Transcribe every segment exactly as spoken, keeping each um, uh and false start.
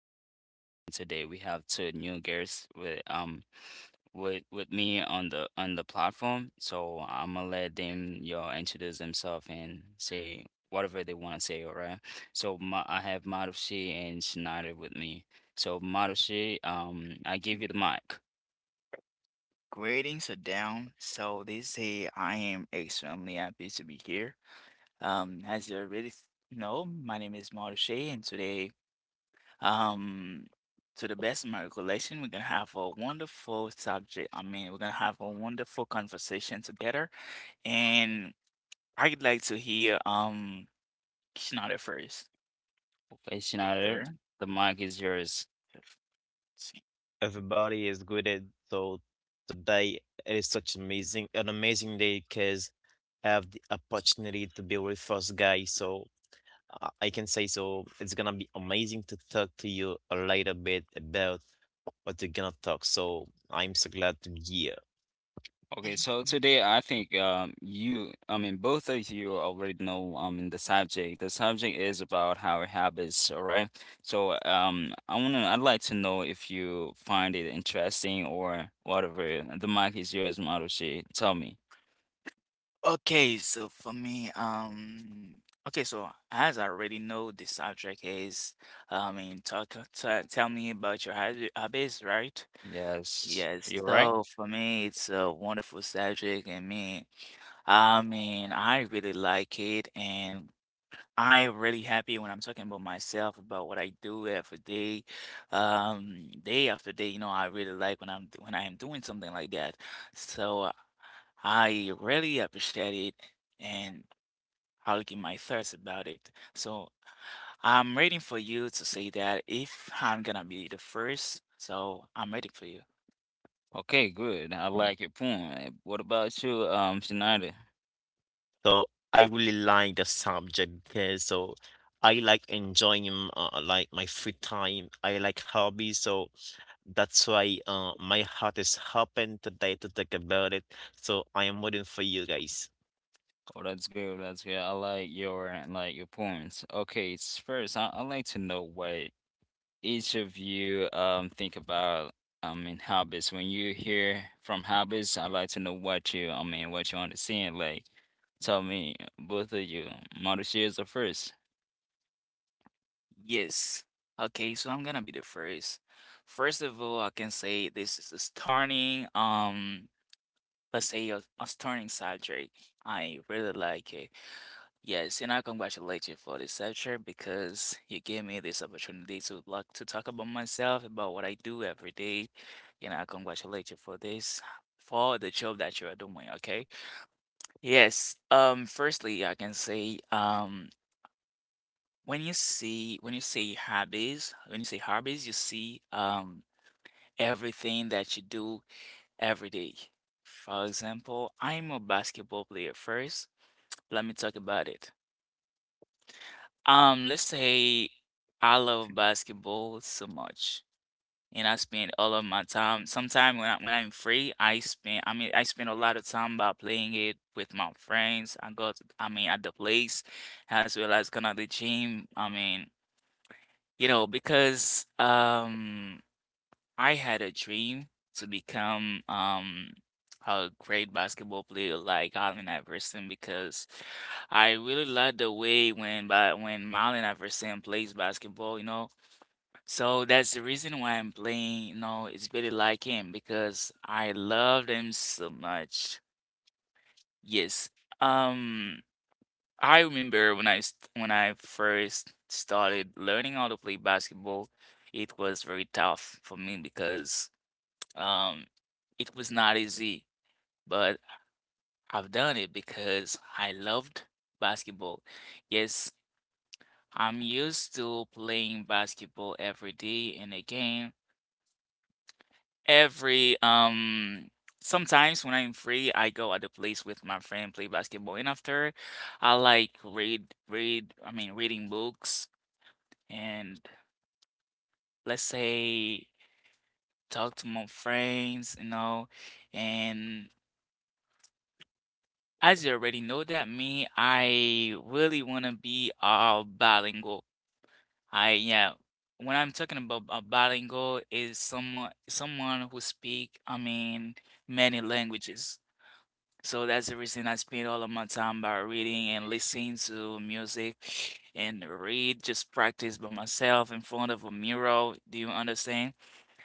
podcast, and today we have two new guests with um with with me on the on the platform. So I'm gonna let them y'all introduce themselves and say whatever they want to say. All right. So ma I have Marushi and Schneider with me. So Marushi, um, I give you the mic. Greetings are down. So this day I am extremely happy to be here. Um, as you already th- know, my name is Marsha, and today, um, to the best of my recollection, we're gonna have a wonderful subject. I mean, we're gonna have a wonderful conversation together, and I'd like to hear um Kishnada first. Okay, Schneider, Sure. the mic is yours. Everybody is good at. So today it is such amazing, an amazing day because I have the opportunity to be with first guy. So I I can say so it's gonna be amazing to talk to you a little bit about what we are gonna talk. So I'm so glad to be here. Okay, so today I think um, you, I mean, both of you already know um the subject. The subject is about our habits, all right? So um, I wanna, I'd like to know if you find it interesting or whatever. The mic is yours, Marushi. Tell me. Okay, so for me, um, okay, so as I already know, the subject is, I mean, talk, ta tell me about your hab- hobbies, right? Yes, Yes, you're right. so for me, it's a wonderful subject, and me, I mean, I really like it, and I really happy when I'm talking about myself, about what I do every day, um, day after day. You know, I really like when I'm when I am doing something like that. So I really appreciate it and I'll give my thoughts about it. So I'm waiting for you to say that if I'm gonna be the first. So I'm waiting for you. Okay, good. I like your point. What about you, um, Shinada? So I really like the subject because so I like enjoying m- uh, like my free time. I like hobbies, so that's why uh my heart is open today to talk about it. So I am waiting for you guys. Oh, that's good. That's good. I like your like your points. Okay, s- first, I I like to know what each of you um think about I mean hobbies. When you hear from hobbies, I'd like to know what you I mean what you understand. Like tell me both of you. Model is the first. Yes. Okay, so I'm gonna be the first. First of all, I can say this is a starting. Um Let's say a, a stunning subject. I really like it. Yes, and I congratulate you for this subject because you gave me this opportunity to like to talk about myself, about what I do every day. And I congratulate you for this, for the job that you are doing, okay? Yes. Um, firstly, I can say, um, when you see when you see hobbies, when you say hobbies, you see um everything that you do every day. For example, I'm a basketball player first. Let me talk about it. Um, let's say I love basketball so much, and I spend all of my time. Sometime when I, when I'm free, I spend. I mean, I spend a lot of time by playing it with my friends. I go. To, I mean, at the place, as well as going to the gym. I mean, you know, because um. I had a dream to become um a great basketball player like Allen Iverson because I really like the way when but when Allen Iverson plays basketball, you know. So that's the reason why I'm playing, you know, it's really like him because I love them so much. Yes. Um I remember when I st when I first started learning how to play basketball, it was very tough for me because um, it was not easy, but I've done it because I loved basketball. Yes, I'm used to playing basketball every day and again. Every um sometimes when I'm free, I go at the place with my friend, play basketball, and after I like read read I mean reading books and let's say talk to my friends, you know, and as you already know that me, I really want to be uh bilingual. I yeah, when I'm talking about a bilingual is someone someone who speak, I mean, many languages. So that's the reason I spend all of my time by reading and listening to music and read, just practice by myself in front of a mirror. Do you understand?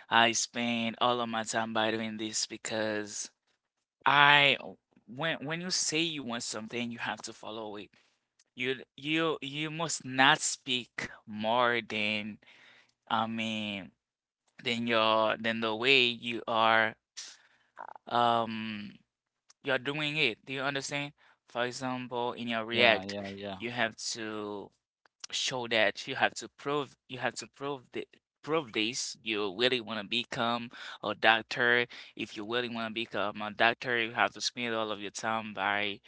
I spend all of my time by doing this because I when when you say you want something, you have to follow it. You you you must not speak more than I mean than your than the way you are um you're doing it. Do you understand? For example, in your Yeah, React, yeah, yeah. you have to show that you have to prove you have to prove that prove this you really want to become a doctor if you really want to become a doctor you have to spend all of your time by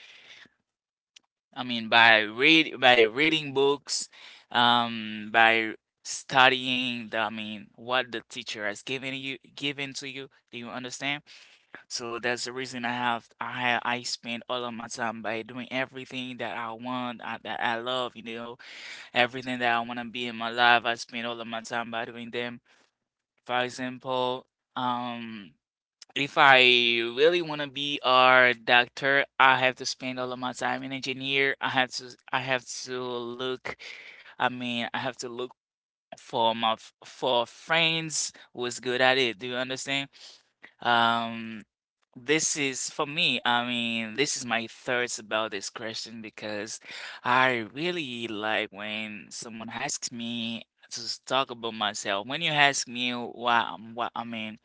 I mean, by read by reading books, um, by studying the, I mean, what the teacher has given you given to you. Do you understand? So that's the reason I have I ha- I spend all of my time by doing everything that I want, uh, that I love, you know, everything that I want to be in my life. I spend all of my time by doing them. For example, um. if I really want to be a doctor, I have to spend all of my time in engineer. I have to I have to look I mean, I have to look for my f- for friends who's good at it. Do you understand? Um, this is for me. I mean, this is my thoughts about this question because I really like when someone asks me to s- talk about myself. When you ask me why I'm what I mean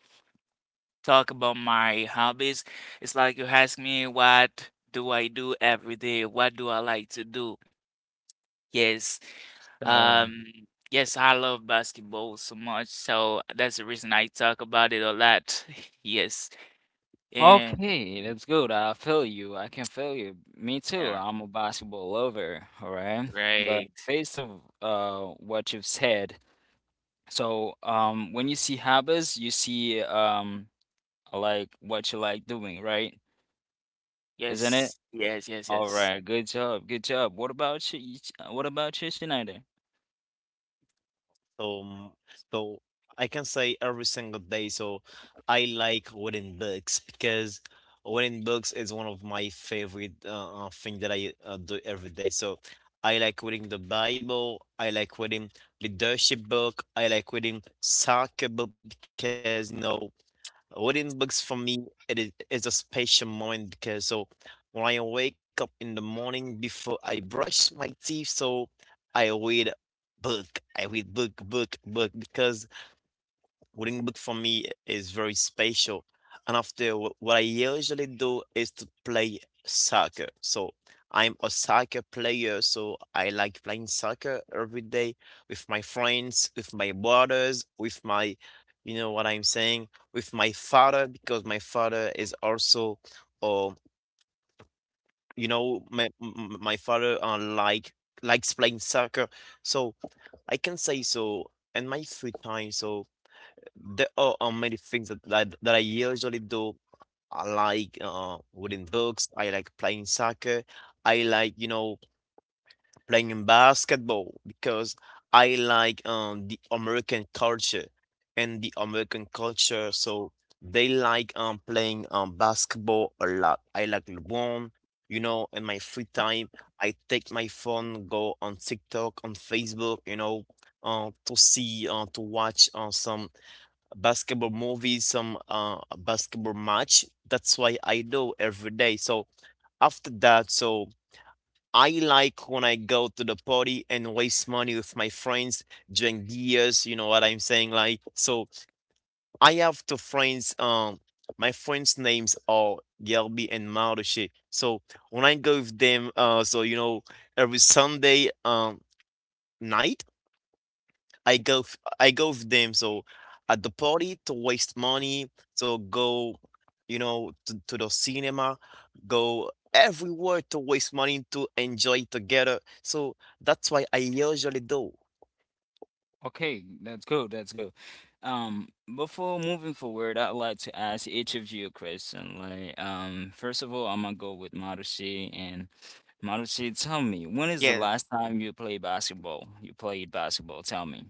talk about my hobbies, it's like you ask me what do I do every day? What do I like to do? Yes. Uh, Um, yes, I love basketball so much, so that's the reason I talk about it a lot. Yes. And okay, that's good. I feel you. I can feel you. Me too. yeah, I'm a basketball lover, all right? But great. based of uh what you've said, so um when you see hobbies, you see um like what you like doing, right? Isn't it? Yes, yes, yes, All yes. right, good job, good job. What about you? you uh, What about you, Schneider? So, mm, so I can say every single day. So I like reading books because reading books is one of my favorite uh, uh, thing that I uh, do every day. So I like reading the Bible. I like reading leadership book. I like reading soccer book because you know, reading books for me, it is, is a special moment because so when I wake up in the morning before I brush my teeth, so I read book. I read book, book, book because reading book for me is very special. And after wh- what I usually do is to play soccer. So I'm a soccer player, so I like playing soccer every day with my friends, with my brothers, with my, you know what I'm saying, with my father, because my father is also, uh, you know, my m- my father uh, like likes playing soccer. So I can say so in my free time, So there are um, many things that, that that I usually do. I like uh, reading books. I like playing soccer. I like, you know, playing basketball because I like um, the American culture and the American culture. So they like um, playing um, basketball a lot. I like LeBron. You know, in my free time I take my phone, go on TikTok, on Facebook, you know, uh, to see, uh, to watch uh, some basketball movies, some uh basketball match. That's why I do every day. So after that, so I like when I go to the party and waste money with my friends, drink beers, you know what I'm saying? Like so I have two friends. Um my friends' names are Gelby and Marushi. So when I go with them, uh so you know every Sunday um night I go f- I go with them. So at the party, to waste money, so go, you know, to, to the cinema, go everywhere to waste money to enjoy together. So that's why I usually do. Okay, that's good, that's good. Um, Before moving forward, I'd like to ask each of you a question. Like, um, first of all, I'm gonna go with Marushi and Marushi, tell me, when is the Yeah. last time you played basketball? You played basketball, tell me.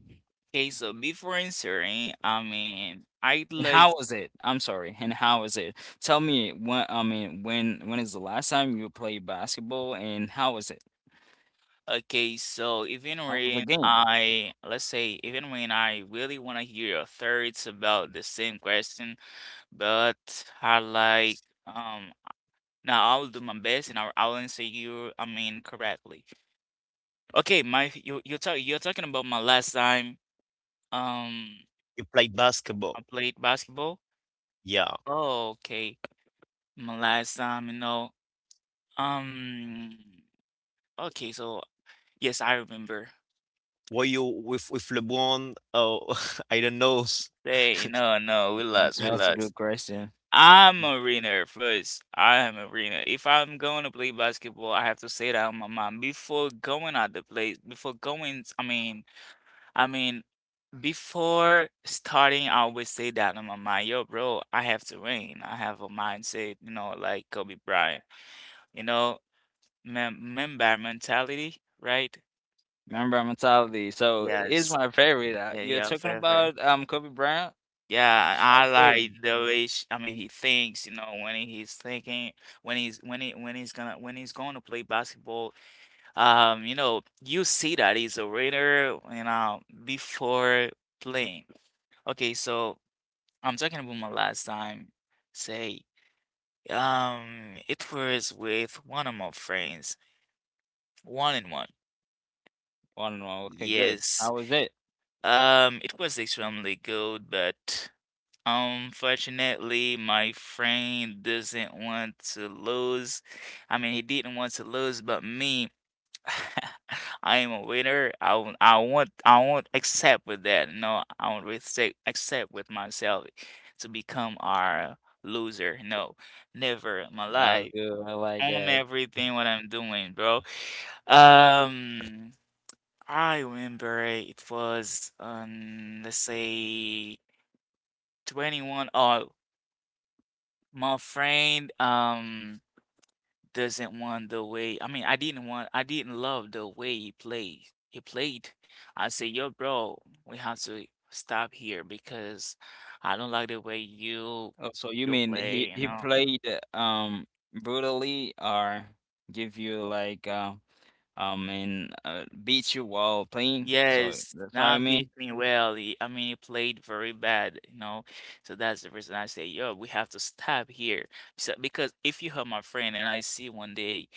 Okay, so before answering, I mean, I'd And like how was it? I'm sorry, and how was it? Tell me when, I mean, when when is the last time you played basketball and how was it? okay, so even How was the when game? I, let's say, even when I really want to hear your thoughts about the same question, but I like, um, now I'll do my best and I'll, I'll answer you, I mean, correctly. Okay, my, you, you're talking, you're talking about my last time, um, You played basketball. I played basketball. Yeah. Oh, okay, my last time, you know, um, okay, so yes, I remember. Were you with with LeBron? Oh, I don't know. Hey, no, no, we lost, we That's a lost. good question. I'm a winner first. I am a winner. If I'm going to play basketball, I have to say that on my mind before going at the place. Before going, I mean, I mean, before starting, I always say that on my mind. Yo, bro, I have to win. I have a mindset, you know, like Kobe Bryant. You know, mem member mentality, right? Number mentality. So is Yes. my favorite. Uh, Yeah, You're yeah, talking fair, fair. about um Kobe Bryant? Yeah, I Okay. like the way sh I mean he thinks, you know, when he- he's thinking, when he's when he when he's gonna when he's going to play basketball. Um, you know, you see that he's a reader, you know, before playing. Okay, so I'm talking about my last time. Say, um, it was with one of my friends, one in one. One one. Okay, good. Yes. How was it? Um, it was extremely good, but unfortunately, my friend doesn't want to lose. I mean, he didn't want to lose, but me, I am a winner. I won't, I won't, I won't accept with that. No, I won't accept accept with myself to become our loser. No, never in my That was life. good. I like On that. everything what I'm doing, bro. Um, I remember it was on let's say twenty-one. Oh. My friend um doesn't want the way I mean I didn't want I didn't love the way he played. He played. I said, yo, bro, we have to stop here because I don't like the way you Oh, so you you mean he play, you he know. played uh, um brutally or give you like uh, um and uh, beat you while playing? So Yes, that's what I not mean. beating well. he- I mean, he played very bad, you know. So that's the reason I say, yo, we have to stop here. So, because if you hurt my friend and I see one day,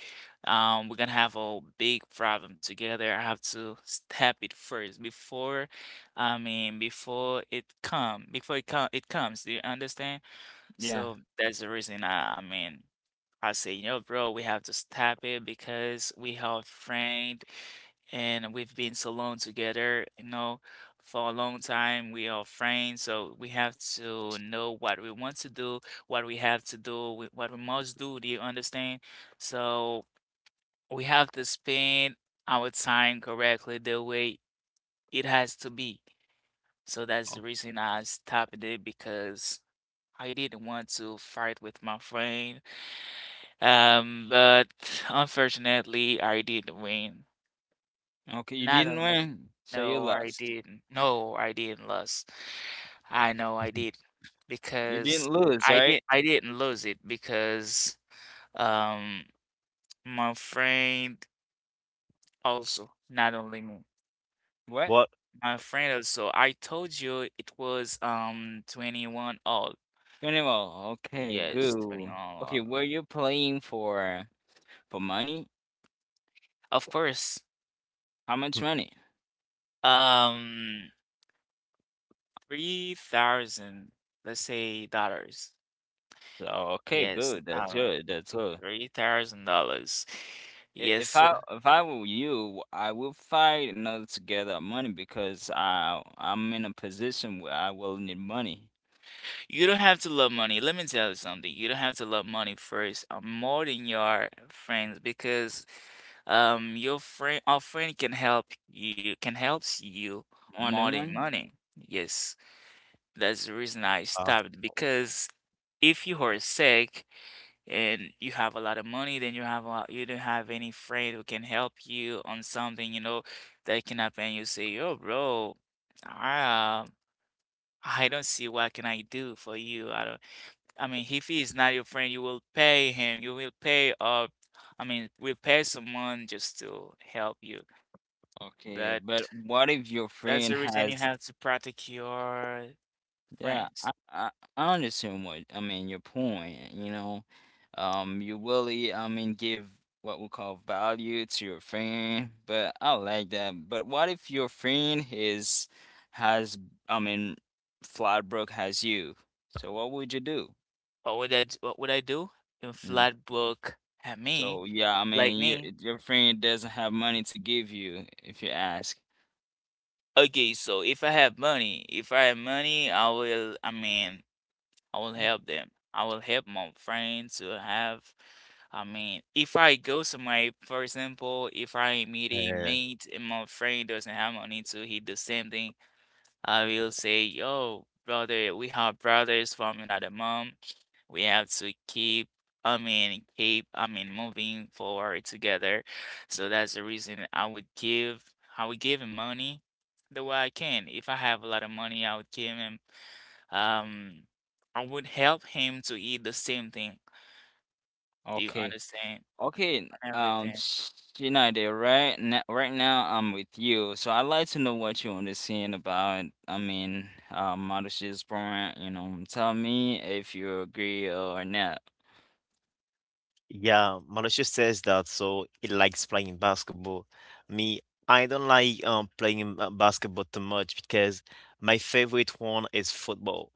um, we're gonna have a big problem together. I have to stop it first before, I mean, before it come, before it come, it comes. Do you understand? Yeah. So that's the reason I, I mean. I say, you know, bro, we have to stop it because we have friend and we've been so long together, you know, for a long time. We are friends, so we have to know what we want to do, what we have to do, wh- what we must do. Do you understand? So we have to spend our time correctly the way it has to be. So that's the reason I stopped it because I didn't want to fight with my friend. Um, but unfortunately, I did win. Okay, you Not didn't only, win, so you no, I lost. didn't. No, I didn't lose. I know I did You didn't because lose, I right? did. I didn't lose it because um my friend also, not only me, What? What? my friend also. I told you it was um twenty-one all. Twenty-one. Okay, Yes, good. twenty-one Okay, all. were you playing for for money? Of course. How much Hmm. money? Um, three thousand, let's say dollars. Oh, okay, Yes, good. That's uh, good. That's good. three thousand dollars. I- Yes, If I sir. if I were you, I would find another order to get money because I I'm in a position where I will need money You don't have to love money. Let me tell you something. You don't have to love money first, uh, more than your friends, because um, your friend, our friend can help you, can helps you more more than than money. money. Yes, that's the reason I Uh, stopped. Because if you are sick. And you have a lot of money, then you have a, you don't have any friend who can help you on something, you know, that can happen. You say, "Yo, bro, I, uh, I don't see what can I do for you." I don't. I mean, if he is not your friend, you will pay him. You will pay. Uh, I mean, will pay someone just to help you. Okay, but But what if your that's friend the reason you has. have to protect your Yeah, I, friends. I I understand what I mean your point, you know. Um you really I mean give what we call value to your friend, but I like that. But what if your friend is has I mean Flatbrook has you. So what would you do? What would I? d- What would I do? If Mm. flat book at me, So yeah, I like mean your me. your friend doesn't have money to give you if you ask. Okay, so if I have money, if I have money, I will, I mean, I will help them. I will help my friends to have, I mean, if I go somewhere, for example, if I meet a mate and my friend doesn't have money to he the same thing, I will say, yo, brother, we have brothers from another mom. We have to keep, I mean, keep, I mean, moving forward together. So that's the reason I would give, I would give him money the way I can. If I have a lot of money, I would give him, um, I would help him to eat the same thing. Do you Okay. understand? Okay, And um, everything. United, right now, right now I'm with you, so I'd like to know what you understand about, I mean, uh, Marush's point, you know, tell me if you agree or not. yeah, Mauricio says that so he likes playing basketball. Me, I don't like um, playing uh, basketball too much because my favorite one is football.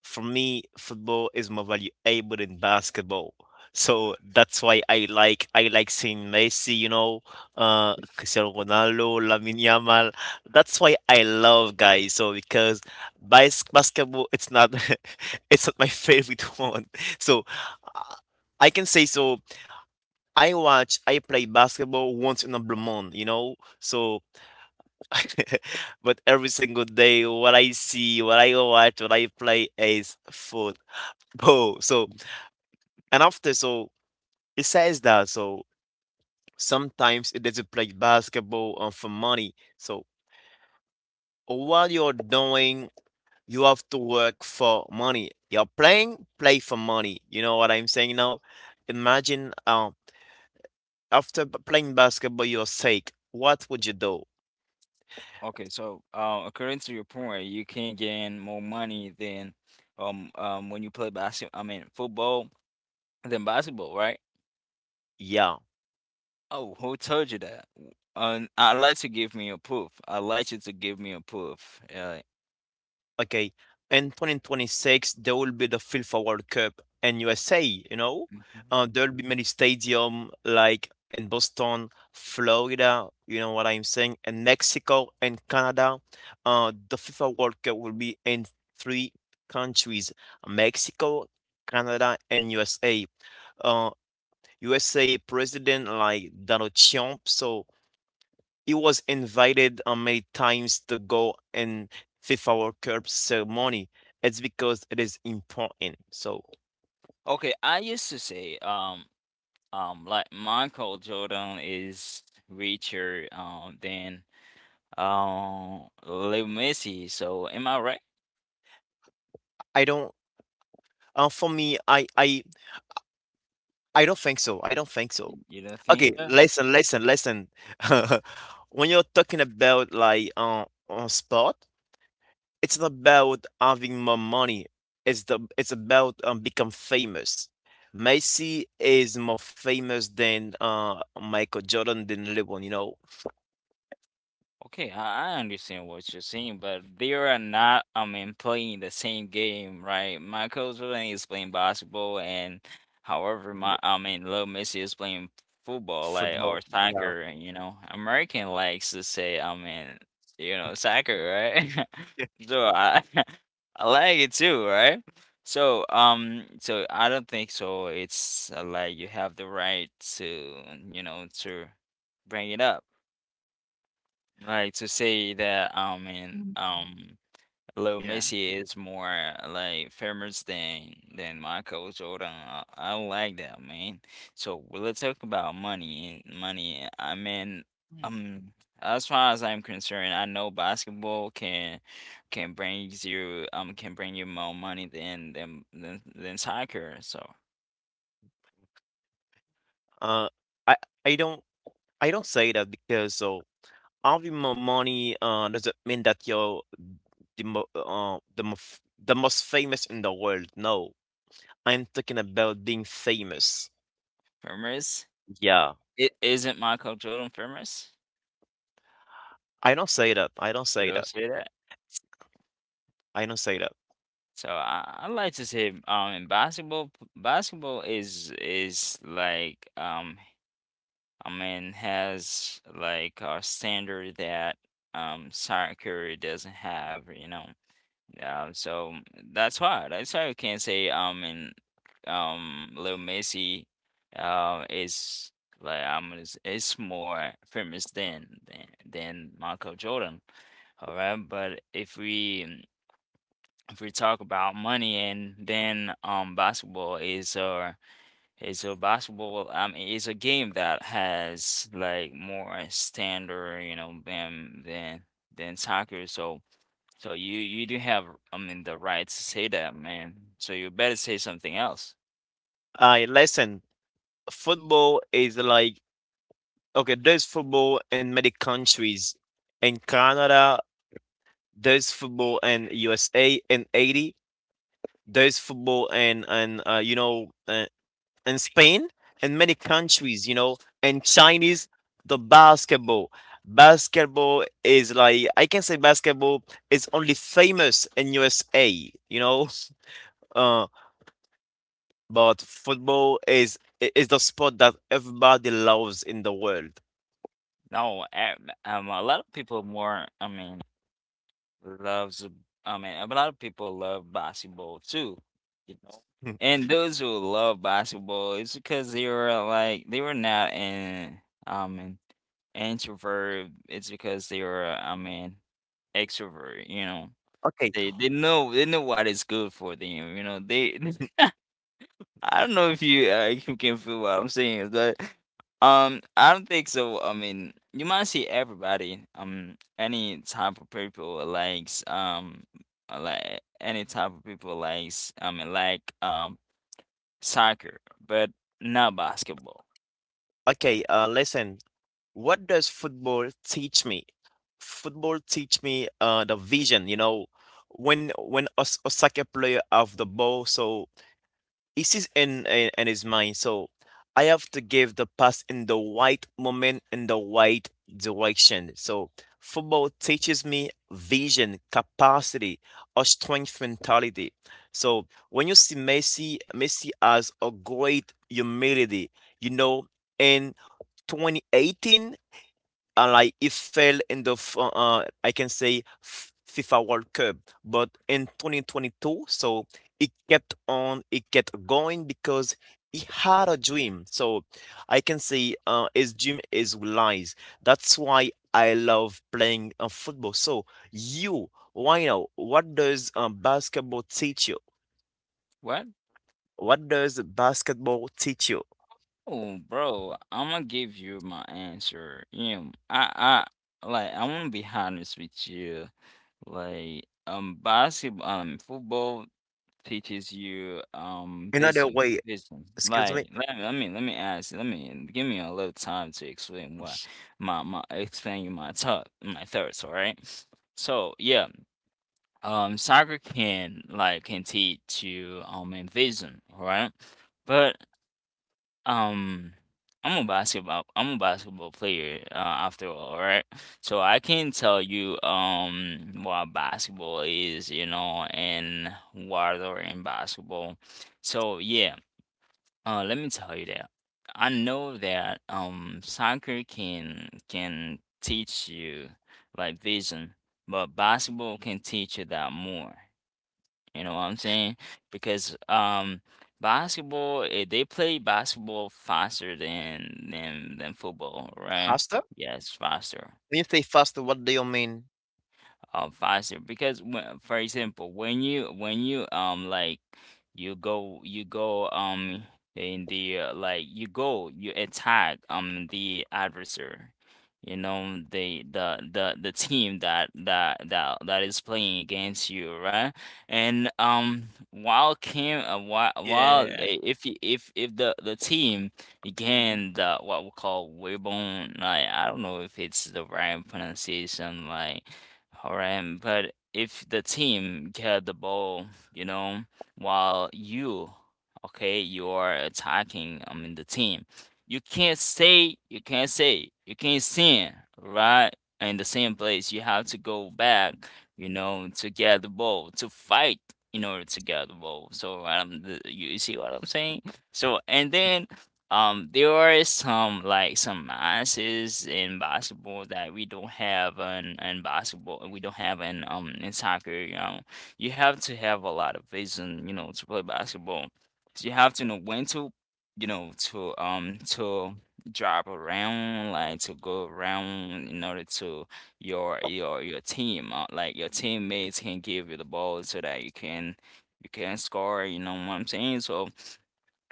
For me, football is more valuable than basketball. So that's why I like I like seeing Messi, you know, uh, Cristiano Ronaldo, Lamine Yamal. That's why I love guys. So because bas basketball, it's not it's not my favorite one. So I I can say so I watch, I play basketball once in a blue moon, you know? So, but every single day, what I see, what I watch, what I play is football. So, and after, so it says that, so sometimes it doesn't play basketball um, for money. So, while you're doing, you have to work for money. You're playing, play for money. You know what I'm saying now? Imagine, um, after b- playing basketball, you're sick. What would you do? Okay, so, uh, according to your point, you can gain more money than, um, um, when you play basketball, I mean, football than basketball, right? Yeah. Oh, who told you that? W- Uh, I'd like to give me a proof. I'd like you to give me a proof. Uh, Okay. In twenty twenty-six there will be the FIFA World Cup in U S A, you know? Mhm. Uh, there'll be many stadium like in Boston, Florida, you know what I'm saying, and Mexico and Canada. Uh, the FIFA World Cup will be in three countries: Mexico, Canada, and U S A. Uh, U S A president like Donald Trump, so he was invited uh, many times to go in FIFA World Cup ceremony. It's because it is important. So Okay, I used to say, um, Um, like Michael Jordan is richer um than um Lil Messi. So am I right? I don't. Uh, for me, I, I, I don't think so. I don't think so. You don't think Okay, so? listen, listen, listen. When you're talking about like uh, on sport, it's not about having more money. It's the it's about um, become famous. Messi is more famous than uh, Michael Jordan, than LeBron, you know? Okay, I, I understand what you're saying, but they are not, I mean, playing the same game, right? Michael Jordan is playing basketball, and however, Mm. my, I mean, Lil Messi is playing football, like, Football. or Yeah. soccer, and, you know, American likes to say, I mean, you know, soccer, right? So I, I like it too, right? So, um, so I don't think so. It's uh, like you have the right to, you know, to bring it up. Like to say that I Mhm. mean, um Lil Yeah. Messi is more like famous than than Michael Jordan. I, I don't like that, man. So well, let's talk about money. Money. I mean, Mm. um, as far as I'm concerned, I know basketball can can bring you um can bring you more money than than than, than soccer. So Uh, I I don't I don't say that because of having more money uh, doesn't mean that you're the mo- uh, the, mof- the most famous in the world. No, I'm talking about being famous. famous, Yeah, it isn't Michael Jordan famous? I don't say that. I don't You say don't that. say that. I don't say that. So I, I like to say um in basketball p- basketball is is like um I mean has like a standard that um soccer doesn't have, you know. Um so that's why that's why you can say um in um Lil Messi uh is like I'm is is more famous than than than Michael Jordan. All right, but if we if we talk about money and then um basketball is a is a basketball um is a game that has like more standard you know than than than soccer, so so you you do have I mean the right to say that, man, so you better say something else. I listen. Football is like, okay, there's football in many countries. In Canada, there's football. In U S A, in eighty, there's football in, and uh, you know, uh, in Spain, in many countries, you know, and Chinese the basketball. Basketball is like, I can say basketball is only famous in U S A, you know. Uh, but football is i- is the sport that everybody loves in the world. No, um um, a lot of people more I mean loves I mean a lot of people love basketball too, you know. Hmm. And those who love basketball, it's because they were like they were not an um an introvert. It's because they were I mean extrovert, you know. Okay. They they know they know what is good for them, you know. They I don't know if you uh, you can feel what I'm saying, but um, I don't think so. I mean, you might see everybody, um, any type of people likes um, uh, like any type of people likes I mean like um soccer, but not basketball. Okay. Uh, listen, what does football teach me? Football teach me uh, the vision. You know, when when Os- Osaka player have the ball, so it is in, in in his mind. So I have to give the pass in the right moment in the right direction. So football teaches me vision, capacity, or strength mentality. So when you see Messi, Messi has a great humility. You know, in twenty eighteen and like it fell in the f- uh, uh, I can say f- FIFA World Cup, but in twenty twenty-two, so it kept on, it kept going because he had a dream. So I can say uh, his dream is lies. That's why I love playing uh, football. So you, why now? What does uh, basketball teach you? What? What does basketball teach you? Oh, bro, I'm gonna give you my answer. You know, I I like I wanna be honest with you, like um basketball, um football, teaches you um Another vision way. vision Excuse like me. let, let me let me ask you let me give me a little time to explain why my my explain you my thought my thoughts, all right. So yeah, um soccer can like can teach you um envision, all right, but um, I'm a basketball. I'm a basketball player, uh, after all, right? So I can tell you um what basketball is, you know, and what are in basketball. So yeah, uh, let me tell you that. I know that um soccer can can teach you like vision, but basketball can teach you that more. You know what I'm saying? Because um basketball eh, they play basketball faster than than than football, right? Faster? Yes, faster When you say faster, what do you mean? um faster because when, for example when you when you um like you go you go um in the uh, like you go you attack um the adversary, you know, the the the the team that that that that is playing against you, right? And um while came uh, while while Yeah. I- if y- if if the the team Mhm. again, the what we call weibon, like I don't know if it's the right pronunciation, like. Alright, but if the team get the ball, you know, while you, okay, you are attacking, I mean, the team, you can't stay, you can't stay, you can't stand, right? In the same place, you have to go back, you know, to get the ball, to fight in order to get the ball. So, um, the, you you see what I'm saying? So, and then um, there are some like some nuances in basketball that we don't have in, in basketball. We don't have in um in soccer. You know, you have to have a lot of vision. You know, to play basketball, so you have to know when to, you know, to um to drop around, like to go around in order to your your your team, uh, like your teammates can give you the ball so that you can you can score. You know what I'm saying? So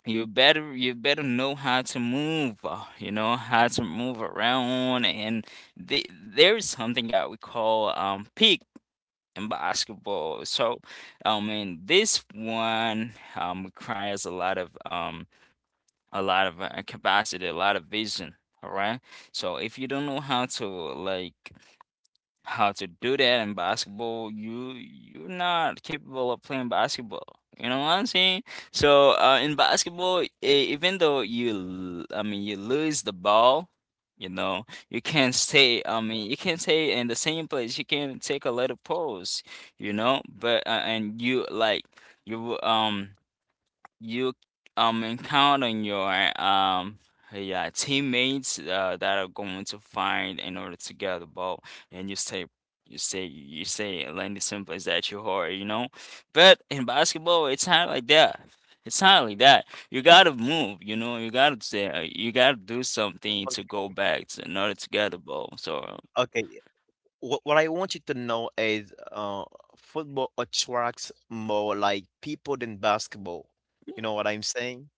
you better you better know how to move uh, you know how to move around. And the, there is something that we call um peak in basketball. So I mean this one um requires a lot of um a lot of uh, capacity, a lot of vision. All right, so if you don't know how to, like, how to do that in basketball, you you're not capable of playing basketball, you know what I'm saying? So uh, in basketball, e- even though you l- I mean you lose the ball, you know, you can stay, i mean you can stay in the same place, you can take a little pause, you know. But uh, and you like, you um you um encounter your um yeah, teammates uh, that are going to find in order to get the ball. And you stay you stay you stay landing someplace that you are, you know. But in basketball, it's not like that. It's not like that. You gotta move, you know. You gotta say uh, you gotta do something to O- go back to in order to get the ball. So Okay, what, what I want you to know is uh, football attracts more like people than basketball. You know what I'm saying?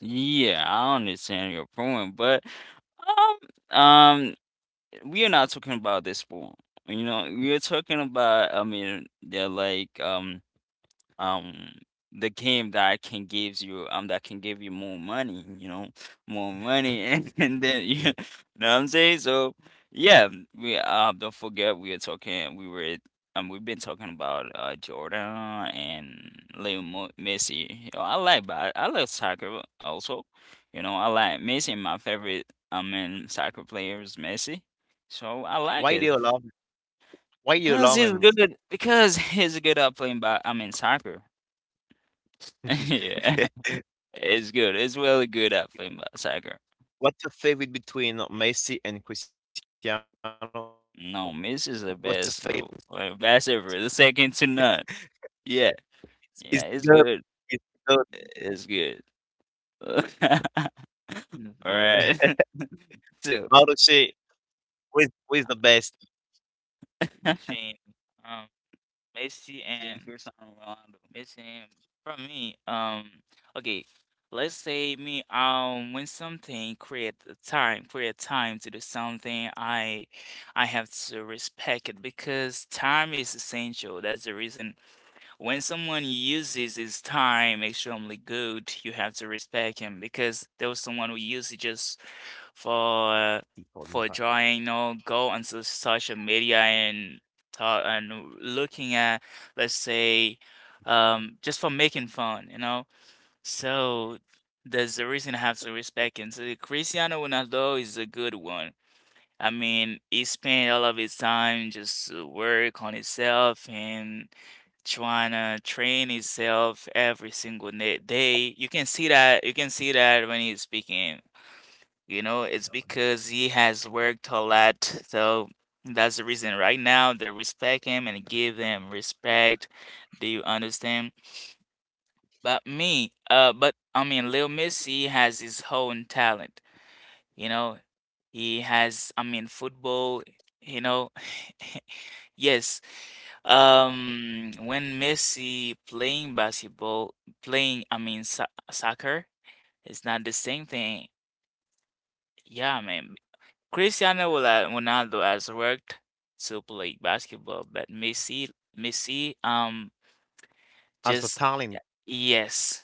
yeah, I understand your point, but um um we are not talking about this one. You know, we are talking about. I mean, they're like, um um the game that can gives you um that can give you more money, you know, more money. and, and then you know what I'm saying. So yeah, we uh don't forget, we are talking. We were um we've been talking about uh Jordan and Leo Mo- messi, you know. i like but I like soccer also, you know. I like Messi. My favorite, I mean, soccer player is Messi. So I like Why do it you love, why you because love he's him? good because he's good at playing, but, I mean, soccer. Yeah, it's good. It's really good at FIBA soccer. What's your favorite between Messi and Cristiano? No, What's your Miss is the favorite? best, uh, uh, best ever. The second to none. Yeah, Is yeah, the it's good? good. Is the good? Mhm. It's good. All That's right. great. So, Marucci, who is, who is the best? Between, um, Messi and seeing Cristiano Ronaldo. Messi and from me, um, okay, let's say me um when something create the time, create time to do something, I I have to respect it because time is essential. That's the reason when someone uses his time extremely good, you have to respect him because there was someone who used it just for uh, for drawing, you People. know, go on so- social media and talk and looking at, let's say, um, just for making fun, you know. So there's a reason I have to respect him. So Cristiano Ronaldo is a good one. I mean, he spent all of his time just to work on himself and trying to train himself every single na- day. You can see that. You can see that when he's speaking. You know, it's because he has worked a lot. So that's the reason. Right now, they respect him and give him respect. Do you understand? But me, uh, but I mean, Lil Missy has his own talent. You know, he has, I mean, football, you know. Yes. Um, when Messi playing basketball, playing, I mean, so soccer, it's not the same thing. Yeah, man. Cristiano Rola- Ronaldo has worked to play basketball, but Messi, Messi, um, just As the talent, yes.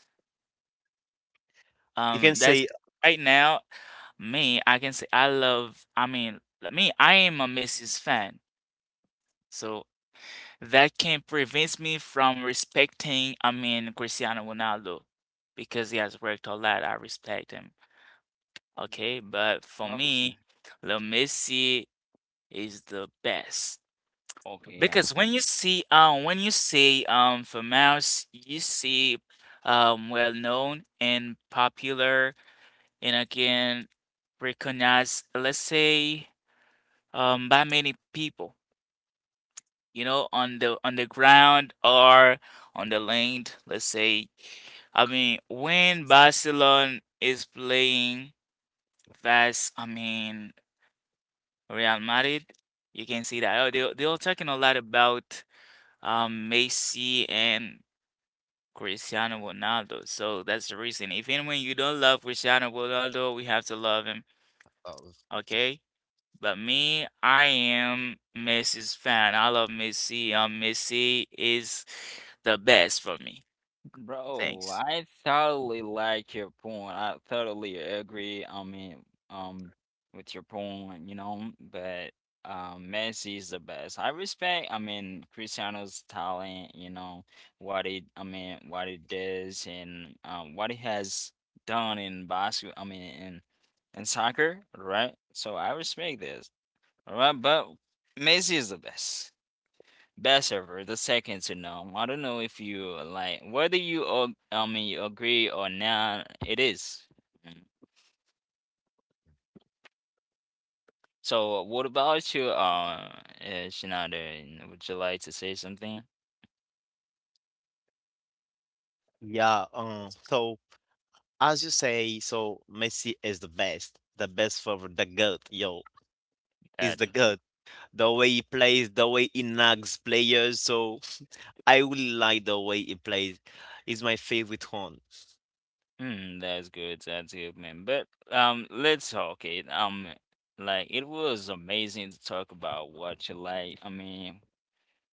Um, that's you right can now. say. Me, I can say I love. I mean, me, I am a Messi's fan. So that can prevent me from respecting, I mean, Cristiano Ronaldo because he has worked a lot. I respect him. Mm. Okay, but for Okay. me, Lil Messi is the best Okay. Yeah. because when you see, um, when you say, um, famous, you see, um, well known and popular, and again recognized. Let's say, um, by many people, you know, on the on the ground or on the land, let's say. I mean, when Barcelona is playing versus. I mean, Real Madrid, you can see that oh, they they're talking a lot about um Messi and Cristiano Ronaldo. So that's the reason. Even when you don't love Cristiano Ronaldo, we have to love him, Uh, okay? But me, I am Messi's fan. I love Messi. Um, Messi is the best for me. Bro, Thanks. I totally like your point. I totally agree. I mean, um, with your point, you know, but um, Messi is the best. I respect, I mean, Cristiano's talent, you know, what he, I mean, what he does, and um, what he has done in basketball, I mean, in in soccer, right? So I respect this, all right? But Messi is the best. Best server, the second to none. I don't know if you uh, like, whether you ag- I mean you agree or not. It is. Mm. So what about you, uh, uh, Shinada? Would you like to say something? yeah. Um, so as you say, so Messi is the best, the best forward, the goat. Yo, is That the goat. The way he plays, the way he nags players. So I really like the way he plays. He's my favorite one. hmm, that's good. That's good, man. But um, let's talk it. Um, like, it was amazing to talk about what you like. I mean,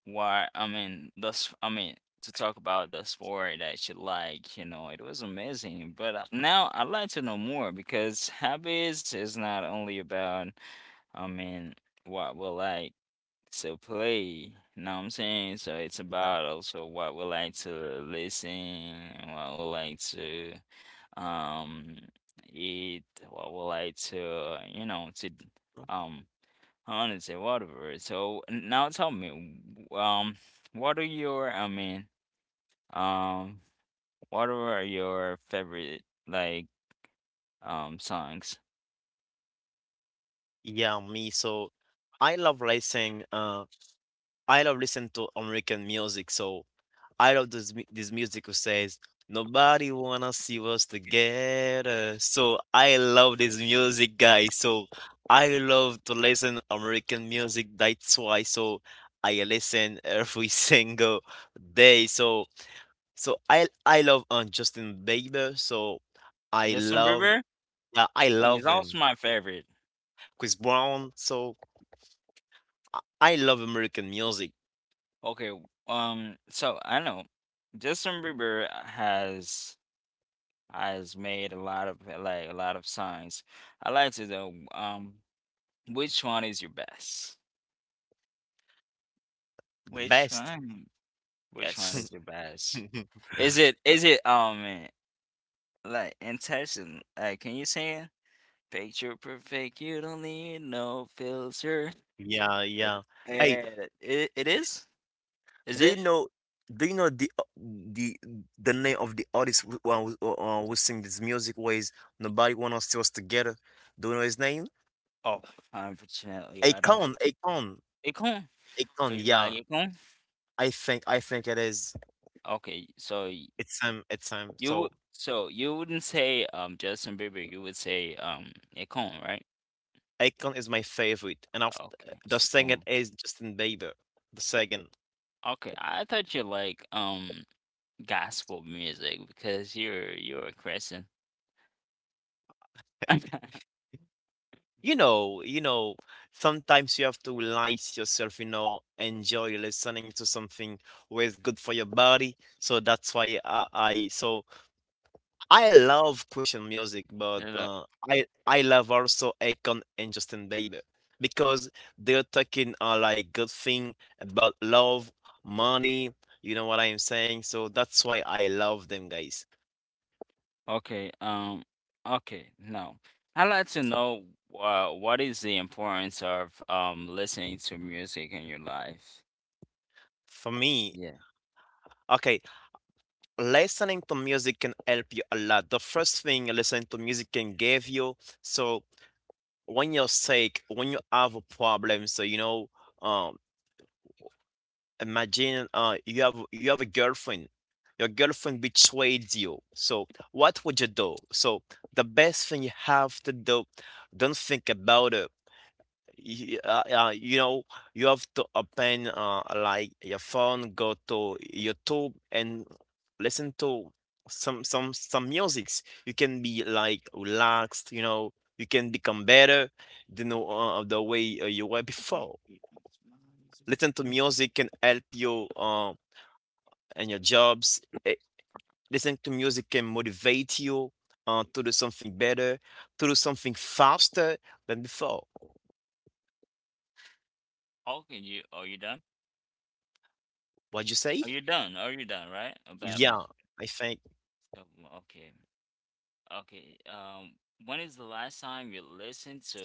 Why, I mean, thus, I mean, to talk about the sport that you like, you know. It was amazing. But uh, now I'd like to know more because hobbies is not only about, I mean, what we like to play, you know what I'm saying? So it's Yeah. about also what we like to listen, what we like to um eat, what we like to, you know, to Mhm. um honestly, whatever. So now tell me, um, what are your, I mean, um, what are your favorite, like, um songs? Yeah, me. So I love listening. Uh, I love listening to American music. So I love this mu- this music who says nobody wanna see us together. So I love this music, guys. So I love to listen American music. That's why. So I listen every single day. So so I I love um, Justin Bieber. So I Justin love, Bieber yeah, I is love him. also my favorite. Chris Brown. So I I love American music Okay, um, so I know Justin Bieber has has made a lot of like a lot of songs. I like to know, um, which one is your best? the Which best. one? Which one Yes. is your best? Is it is it um like, enticing? Like, can you say it? Picture perfect, you don't need no filter. Yeah, Like, yeah. Hey, eh, it, it is? Is do you it? know? Do you know the uh, the the name of the artist who uh, who, uh, who sing this music? Ways nobody wanna see us together. Do you know his name? Oh, unfortunately, I don't. Akon, Akon, It Akon. So you Yeah, like it. I think I think it is. Okay, so y- It's him. It's him. you So would. So you wouldn't say um Justin Bieber. You would say um it, right? Akon is my favorite, and after Okay. the it's second is Justin Bieber. The second, Okay, I thought you like um gospel music because you're you're a Christian. you know, you know, sometimes you have to relax yourself. You know, enjoy listening to something where it's good for your body. So that's why I, I so I love Christian music, but No, no. uh, I I love also Akon and Justin Bieber because they're talking uh, like good thing about love, money. You know what I'm saying? So that's why I love them guys. Okay, um, okay, no. I'd like to know uh, what is the importance of um listening to music in your life? For me, Yeah. okay, listening to music can help you a lot. The first thing listening to music can give you. So when you're sick, when you have a problem, so you know, um, imagine uh, you have, you have a girlfriend, your girlfriend betrays you. So what would you do? So the best thing you have to do, don't think about it. Y- uh, uh, you know, you have to open uh, like your phone, go to YouTube and listen to some some some musics. You can be like relaxed, you know. You can become better than uh, the way uh, you were before. Listen to music can help you uh, and your jobs. Eh, Listening to music can motivate you uh, to do something better, to do something faster than before. Okay, you are you done? What'd you say? Are you done? Are you done, right? Yeah. About Yeah, music. I think. Oh, okay. Okay. Um, when is the last time you listened to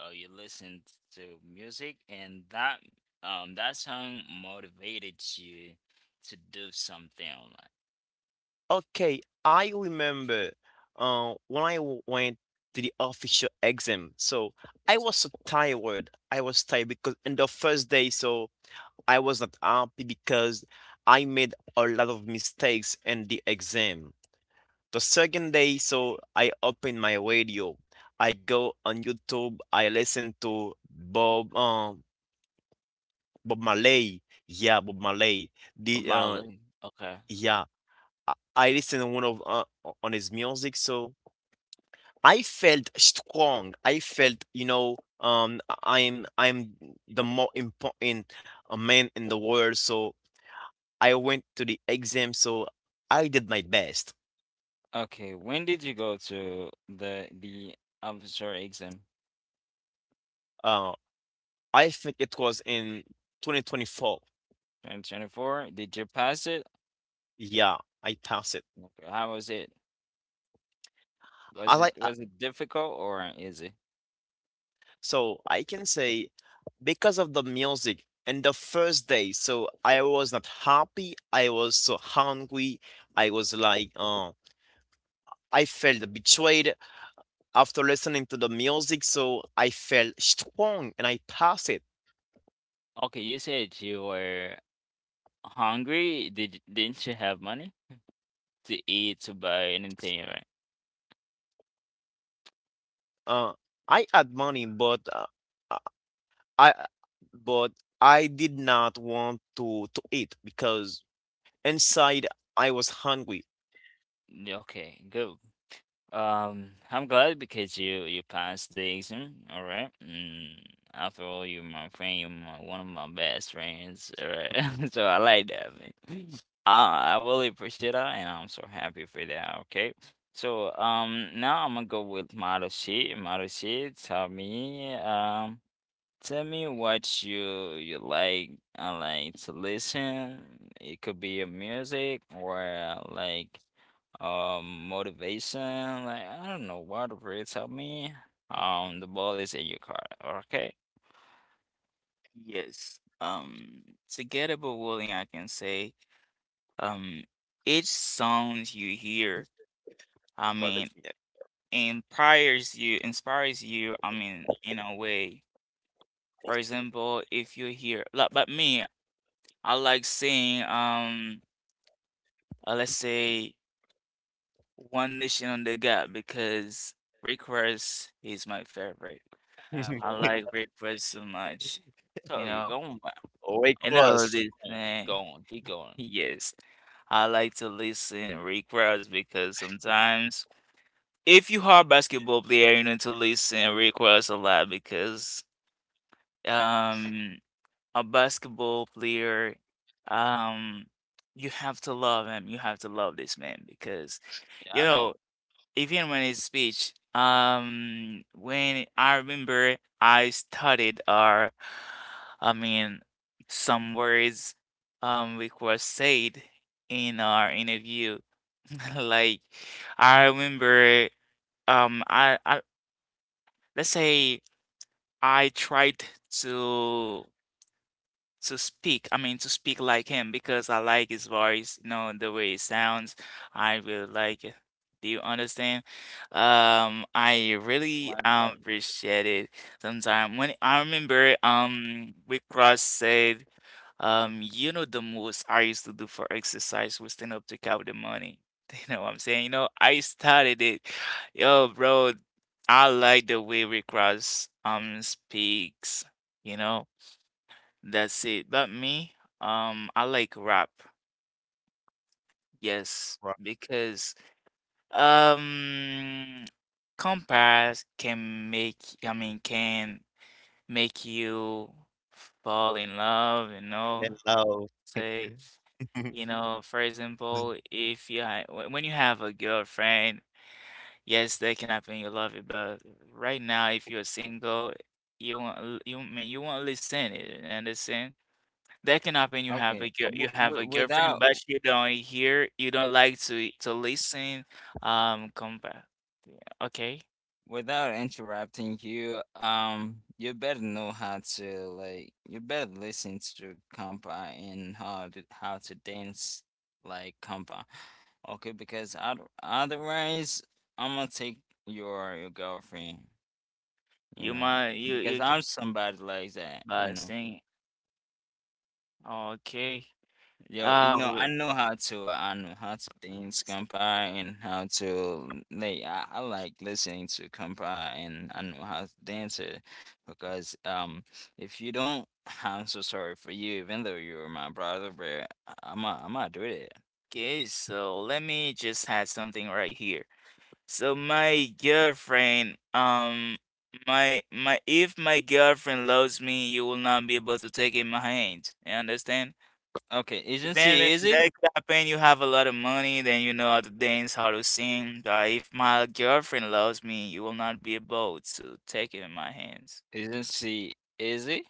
uh, you listened to music, and that um that song motivated you to do something, like, Okay, I remember uh, when I w- went to the official exam. So I was so tired. I was tired because in the first day, so I was not happy because I made a lot of mistakes in the exam. The second day, so I open my radio. I go on YouTube. I listen to Bob um Bob Marley. Yeah, Bob Marley. The uh about it? Okay. Yeah, I listen to one of uh, on his music. So I felt strong. I felt, you know, um I- am I'm the more important uh, man in the world. So I went to the exam. So I did my best. Okay, when did you go to the the officer exam? Uh, I think it was in twenty twenty-four. twenty twenty-four? Did you pass it? Yeah, I pass it. How was it? Was I it like uh, Was it difficult or easy? so I can say because of the music and the first day, so I was not happy. I was so hungry. I was like, uh, I felt betrayed. After listening to the music, so I felt strong and I pass it. Okay, you said you were hungry. Did didn't you have money to eat, to buy anything, right? Uh, I had money, but uh, I, I- but I did not want to to eat because inside I was hungry. Yeah, okay, good. Um, I'm glad because you you passed the exam. All right. Mm, after all, you're my friend. You're my, one of my best friends. All right. So I like that, man. I I really appreciate that, and I'm so happy for that. Okay. So um, now I'm gonna go with Marushi. Marushi, tell me um, tell me what you you like. I like to listen. It could be a music or uh, like, um motivation, like, I don't know what, really. Tell me, um the ball is in your car. Okay. Yes. Um, together with William, I can say, um, each song you hear, What is I mean, inspires you, inspires you, I mean, in a way. For example, if you hear, like, but me, I like seeing, um, uh, let's say, One Nation Under God because Rick Ross is my favorite. uh, I Oh, like I Rick Ross so much, you thought you know. going, Or but close. Was And okay, all keep this, going, keep man. going, keep going. Yes, I like to listen Rick Ross because sometimes, if you are a basketball player, you need to listen Rick Ross a lot because, um, a basketball player, um, you have to love him. You have to love this man because Yeah, you I know. know even when his speech, um, when I remember I studied our, I mean, some words, um, which were said in our interview. Like I remember, um, I, I let's say I tried to. to speak, I mean, to speak like him because I like his voice, you know, the way it sounds. I really like it. Do you understand? Um, I really My um, God. appreciate it. Sometimes when I remember, um, we cross said, um, you know, the most I used to do for exercise was stand up to count the money. You know what I'm saying? You know, I started it. Yo, bro, I like the way Rick Ross um speaks, you know. That's it. But me, um, I like rap. Yes, rock because um, compares can make, I mean, can make you fall in love, you know. love. Say, you know, for example, if you ha wh- when you have a girlfriend, yes, that can happen, you love it, but right now, if you're single, you won't, l- you I mean you won't listen, you understand? That can happen. You have a okay, girl, you w- have a w- girlfriend, without but you don't hear, you don't like to to listen. Um, compa, okay, without interrupting you, um, you better know how to, like, you better listen to compa and how to how to dance like compa. Okay, because oth- otherwise I'm gonna take your your girlfriend, you you know, might you because you I'm somebody like that, you but know. sing. Okay, Yo, you uh, know, I w- know how to, uh, I know how to things compare and how to, like. I, I like listening to compare and I know how to dance it, because um, if you don't, I'm so sorry for you. Even though you're my brother, but I- I'm not, I'm not doing it. okay. So let me just add something right here. So my girlfriend, um, my my if my girlfriend loves me, you will not be able to take in my hand. You understand? Okay, isn't Even she in easy? that campaign, you have a lot of money, then you know how to dance, how to sing. But if my girlfriend loves me, you will not be able to take it in my hands. Isn't she easy?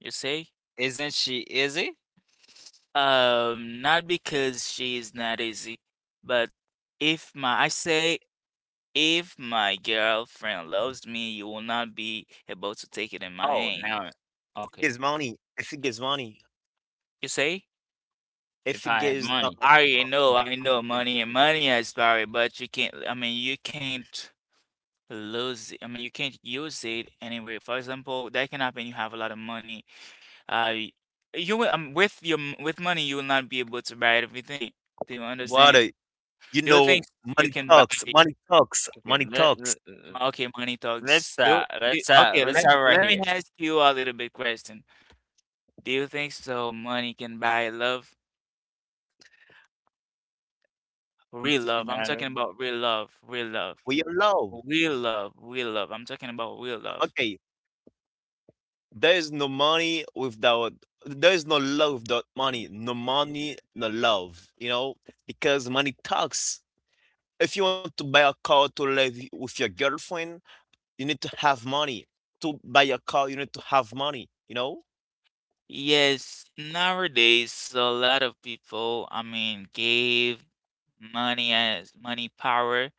You see? Isn't she easy? Um, not because she is not easy, but if my, I say, if my girlfriend loves me, you will not be able to take it in my Oh, hands. now, If it gives okay. money, if it gives money, You see? If if it I have gives uh, money, I uh, know, I money know, to get money and money is power, but you can't. I mean, you can't. Lose it. I mean, you can't use it anyway. For example, that can happen. You have a lot of money. Uh, y- you will, um, with your m- with money, you will not be able to buy everything. Do you understand? water, you There are know, things you money can buy. talks, money talks, okay. money Let, talks. let Okay, money talks. let's Do, uh do, let's uh okay, let's let me start right let me here. ask you a little bit question. Do you think so? Money can buy love, real You love. I'm know. talking about real love, real love, We are love. real love, real love. I'm talking about real love. Okay, there is no money without, there is no love without money. No money, no love. You know, because money talks. If you want to buy a car to live with your girlfriend, you need to have money. To buy a car, you need to have money, you know? Yes, nowadays so a lot of people, I mean, gave money as money power,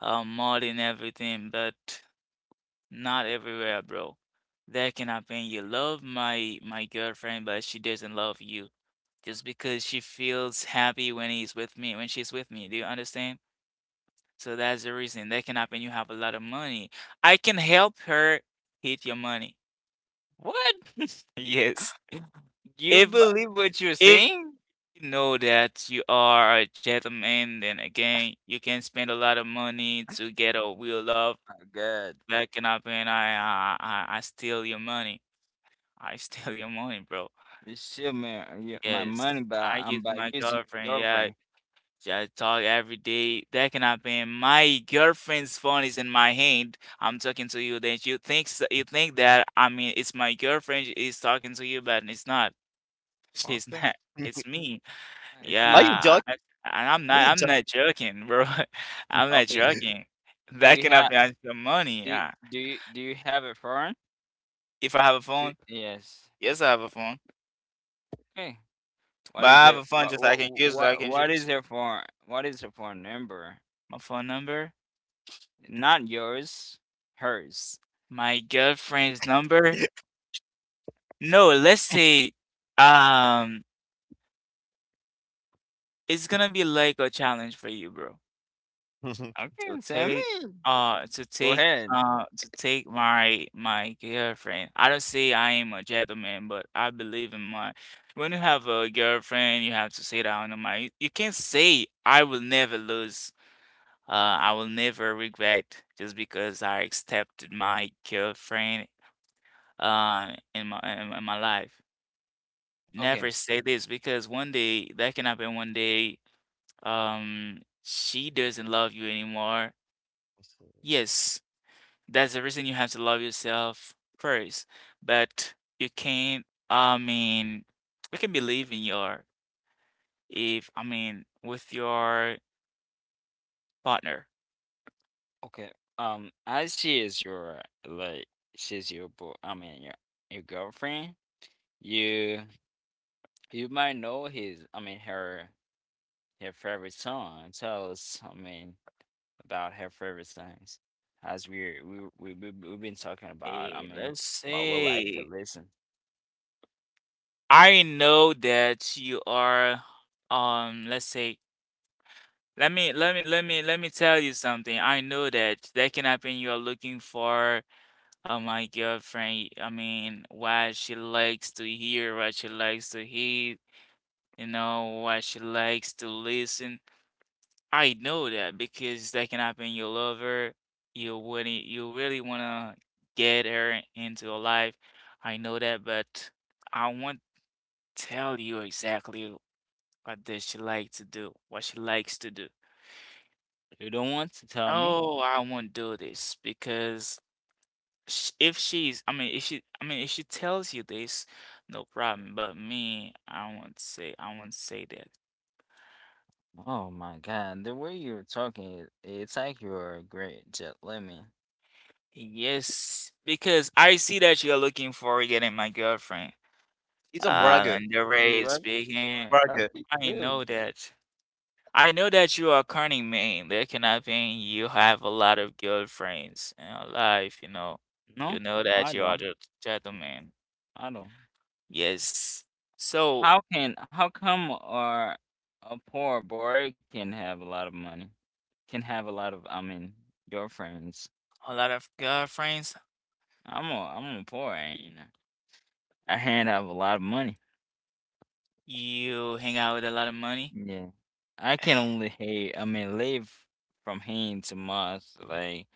uh, more than everything, but not everywhere, bro. That can happen. You love my my girlfriend, but she doesn't love you just because she feels happy when he's with me, when she's with me. Do you understand? So that's the reason. That can happen. You have a lot of money. I can help her hit your money. What? Yes. You If believe what you're if saying? know that you are a gentleman, then again, you can spend a lot of money to get a real love. My God, That cannot be, and I, I, I I steal your money. I steal your money, bro. you steal my y- my Yes, money by I um use by my using your girlfriend. Yeah, girlfriend. I talk every day. That cannot be. My girlfriend's phone is in my hand. I'm talking to you. Then you think s- you think that I mean it's my girlfriend is talking to you, but it's not. She's Okay, not. It's me. it's Are you. you Yeah, I joking? and I'm Are not you I'm joking? not joking, bro. I'm not Okay, joking. do That you can have help me earn some money. do you- Uh, do you, do you have a phone? if I have a You, phone, yes. yes, I have a phone, Okay. but What is I have their a phone what just I what can use. I what can what choose is their phone? What is her phone number? my phone number, Not yours, hers. my girlfriend's number. No, let's say, um, it's gonna be like a challenge for you, bro. Okay, to tell take me. uh to Go take ahead. uh to take my my girlfriend. I don't say I am a gentleman, but I believe in my when you have a girlfriend, you have to say that on the mind. You can't say I will never lose. Uh, I will never regret just because I accepted my girlfriend uh in my in, in my life. Okay. Never say this because one day that can happen. One day, um, she doesn't love you anymore. Yes, that's the reason you have to love yourself first. But you can't, I mean, you can believe in your, if, I mean, with your partner. Okay. Um, as she is your, like she's your bo I mean your, your girlfriend, you you might know his, I mean her, her favorite song. Tell us, I mean, about her favorite songs. As we we we we- we've been talking about, Eh, I mean, let's what we like say, to listen. I know that you are, um, let's say, let me, let me, let me, let me tell you something. I know that that can happen. You are looking for, uh, my girlfriend. I mean, what she likes to hear, what she likes to hear, you know what she likes to listen. I know that because that can happen. You love her. You wouldn't, you really wanna get her into your life. I know that, but I won't tell you exactly what does she like to do, what she likes to do. You don't want to tell me? No, I won't do this because sh if she's, I mean, if she, I mean, if she tells you this, no problem. But me, I won't say, I won't say that. Oh my god, the way you're talking, it- it's like you're a great jet lemon. Yes, because I see that you're looking for getting my girlfriend. He's a Uh, bragger. and the way Is you're it rubber? speaking, Bragger. Okay, I know good. that. I know that you are a cunning man. That cannot mean you have a lot of girlfriends in your life, you know. You No, know that I you are a don't. gentleman. I don't. Yes. So, How can how come, or a poor boy can have a lot of money? Can have a lot of, I mean, girlfriends. a lot of girlfriends, I'm a I'm a poor, ain't I? I can't have a lot of money. you hang out with a lot of money Yeah. I can only hey I mean live from hand to mouth, like,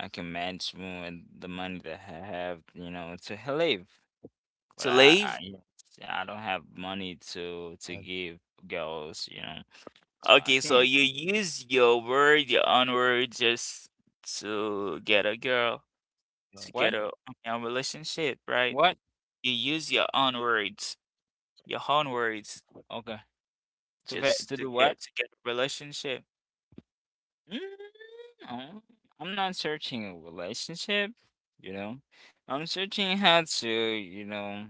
I can manage more with the money that I have, you know, to h- live. to But I, leave. I, you know, I don't have money to to give girls, you know, so I Okay, so can't. you use your word, your own word, just to get a girl, to get What? a a relationship, right? What? You use your own words, your own words, Okay. To ve- just To to do what? get to get a relationship. Mm, no, I'm not searching a relationship, you know. I'm searching how to, you know,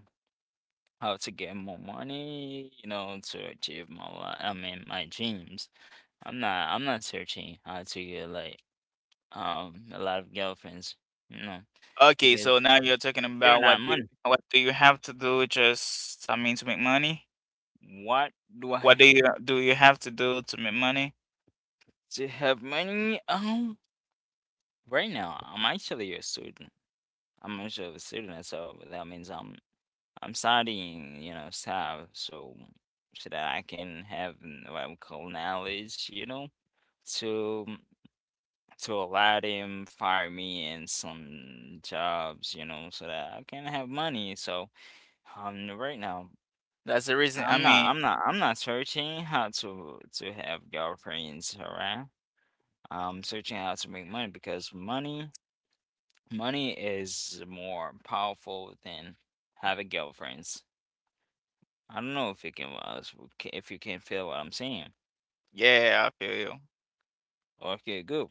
how to get more money, you know, to achieve my, li- I mean, my dreams. I'm not. I'm not searching how to get, like, Um, a lot of girlfriends, you know, Okay, because so now you're talking they're about, what not do you, money. what do you have to do, just I mean, to make money? What do What I, do you do you have to do to make money? to have money? Um, right now, I'm actually a student. I'm actually a student, so that means I'm I'm studying, you know, stuff, so so that I can have n- what we call knowledge, you know, to to allow them fire me in some jobs, you know, so that I can have money. So um, right now. That's the reason. I I'm not mean, I'm not I'm not searching how to to have girlfriends around. I'm searching how to make money, because money money is more powerful than having girlfriends. I don't know if you can uh, s- ca- if you can feel what I'm saying. yeah, I feel you. Okay, good.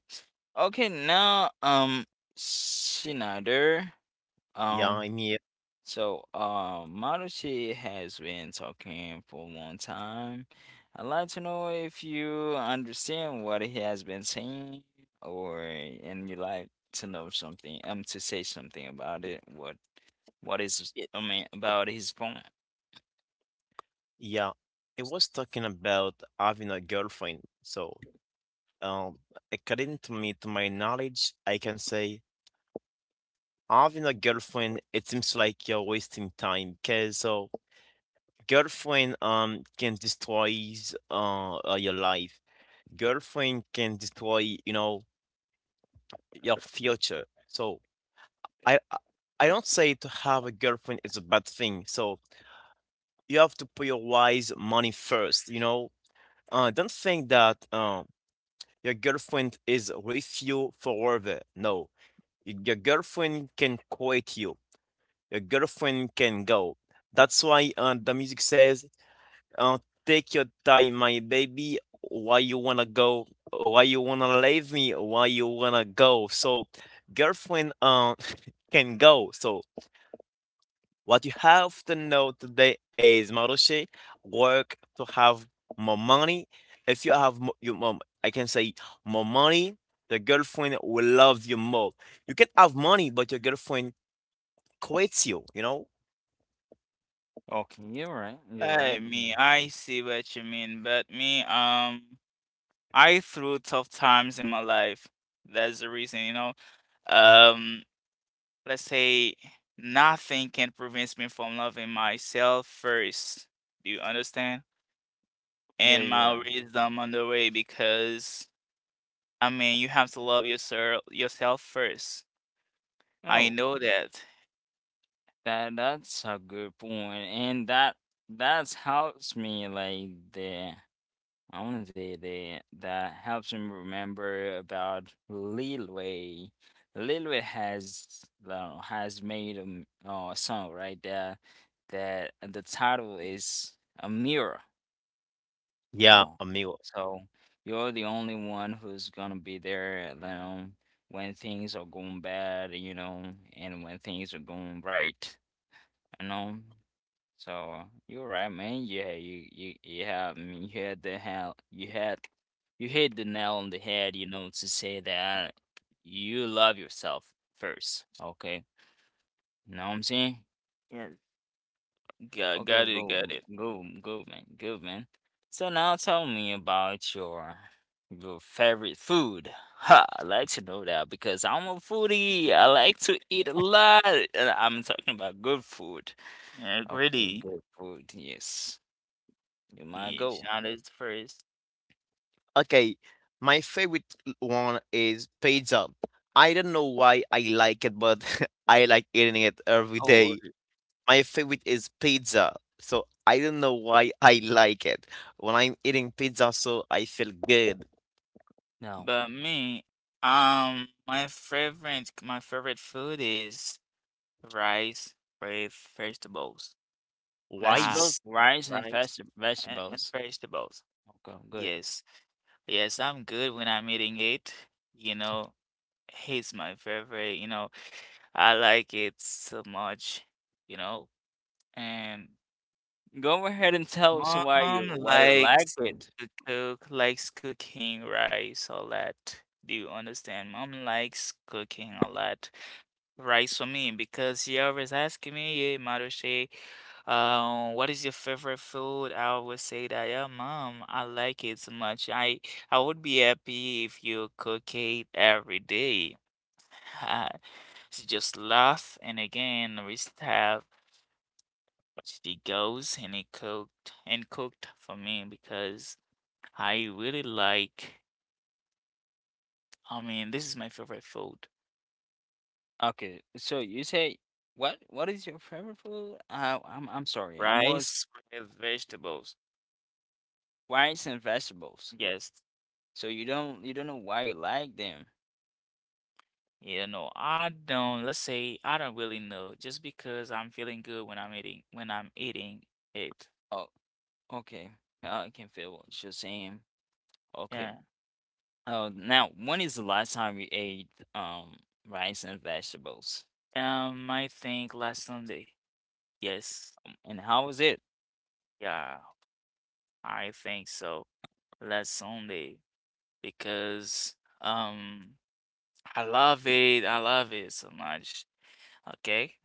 Okay, now um Schneider, Yeah, um I'm here. so, uh, Marucci has been talking for a long time. I'd like to know if you understand what he has been saying, or and you like to know something, um, to say something about it. What, what is, I mean, about his point? Yeah. It was talking about having a girlfriend. So, um, according to me, to my knowledge, I can say having a girlfriend, it seems like you're wasting time because so girlfriend um can destroy uh, uh, your life. Girlfriend can destroy, you know, your future. So I I I don't say to have a girlfriend is a bad thing. So you have to prioritize money first, you know. Uh, don't think that um your girlfriend is with you forever. No, Y- your girlfriend can quit you. Your girlfriend can go. That's why uh, the music says, Uh, take your time, my baby. Why you wanna go? Why you wanna leave me? Why you wanna go? So, girlfriend, uh, can go. So, what you have to know today is, Marushi, work to have more money. If you have mo- your mom, I can say, more money, the girlfriend will love you more. You can have money, but your girlfriend quits you, you know? Okay, you're right. You're Yeah, right. I mean, Mm. I see what you mean, but me, um, I through tough times in my life. That's the reason, you know. Um, let's say nothing can prevent me from loving myself first. Do you understand? Yeah, And you're my right. wisdom on the way, because I mean, you have to love yourself yourself first. I Oh, know that. that that's a good point, and that that's helps me, like, the I want to say that that helps me remember about Lil Wayne. Lil Wayne has, uh, has made a, m- uh, a song right there, that the title is a mirror. Yeah, Oh, amigo. so you're the only one who's gonna be there. You know, when things are going bad, you know, and when things are going right, you know. So you're right, man. Yeah, you you you have, I mean, you had the hell you had you hit the nail on the head, you know, to say that you love yourself first. Okay, know what I'm saying? Yeah. Got Okay, got it, go, got it. go, go, man, good man. So now tell me about your your favorite food. Ha, I like to know that because I'm a foodie. I like to eat a lot, and I'm talking about good food. Yeah, Okay, greedy. good food. Yes, you might Yeah, go. shout it first. Okay, my favorite l- one is pizza. I don't know why I like it, but I like eating it every Oh, day. okay. My favorite is pizza. So I don't know why I like it. When I'm eating pizza, so I feel good. No. But me, um, my favorite my favorite food is rice with vegetables. Why? Ah, Vegetables, rice, and veg rice and, and vegetables. vegetables. Okay, good. Yes. Yes, I'm good when I'm eating it. You know, it's my favorite. You know, I like it so much. You know, and Go ahead and tell us why mom you why you like likes it. to cook, likes cooking rice a lot. Do you understand? Mom likes cooking a lot rice for me because she always asking me, "Hey, Maruche, Um, what is your favorite food?" I would say that, "Yeah, mom, I like it so much. I I would be happy if you cook it every day." She just laugh, and again, we have she goes and it cooked and cooked for me because I really like. I mean, this is my favorite food: Okay, so you say what what is your favorite food? Uh, I'm I'm sorry. I was rice with vegetables. rice and vegetables. Yes. So you don't you don't know why you like them. Yeah, no, I don't. Let's say I don't really know. Just because I'm feeling good when I'm eating, when I'm eating, it. Oh, okay. Now I can feel what you're saying. Okay. Yeah. Oh, now when is the last time you ate um rice and vegetables? Um, I think last Sunday. Yes. Um, And how was it? Yeah, I think so. Last Sunday because um, I love it. I love it so much. Okay.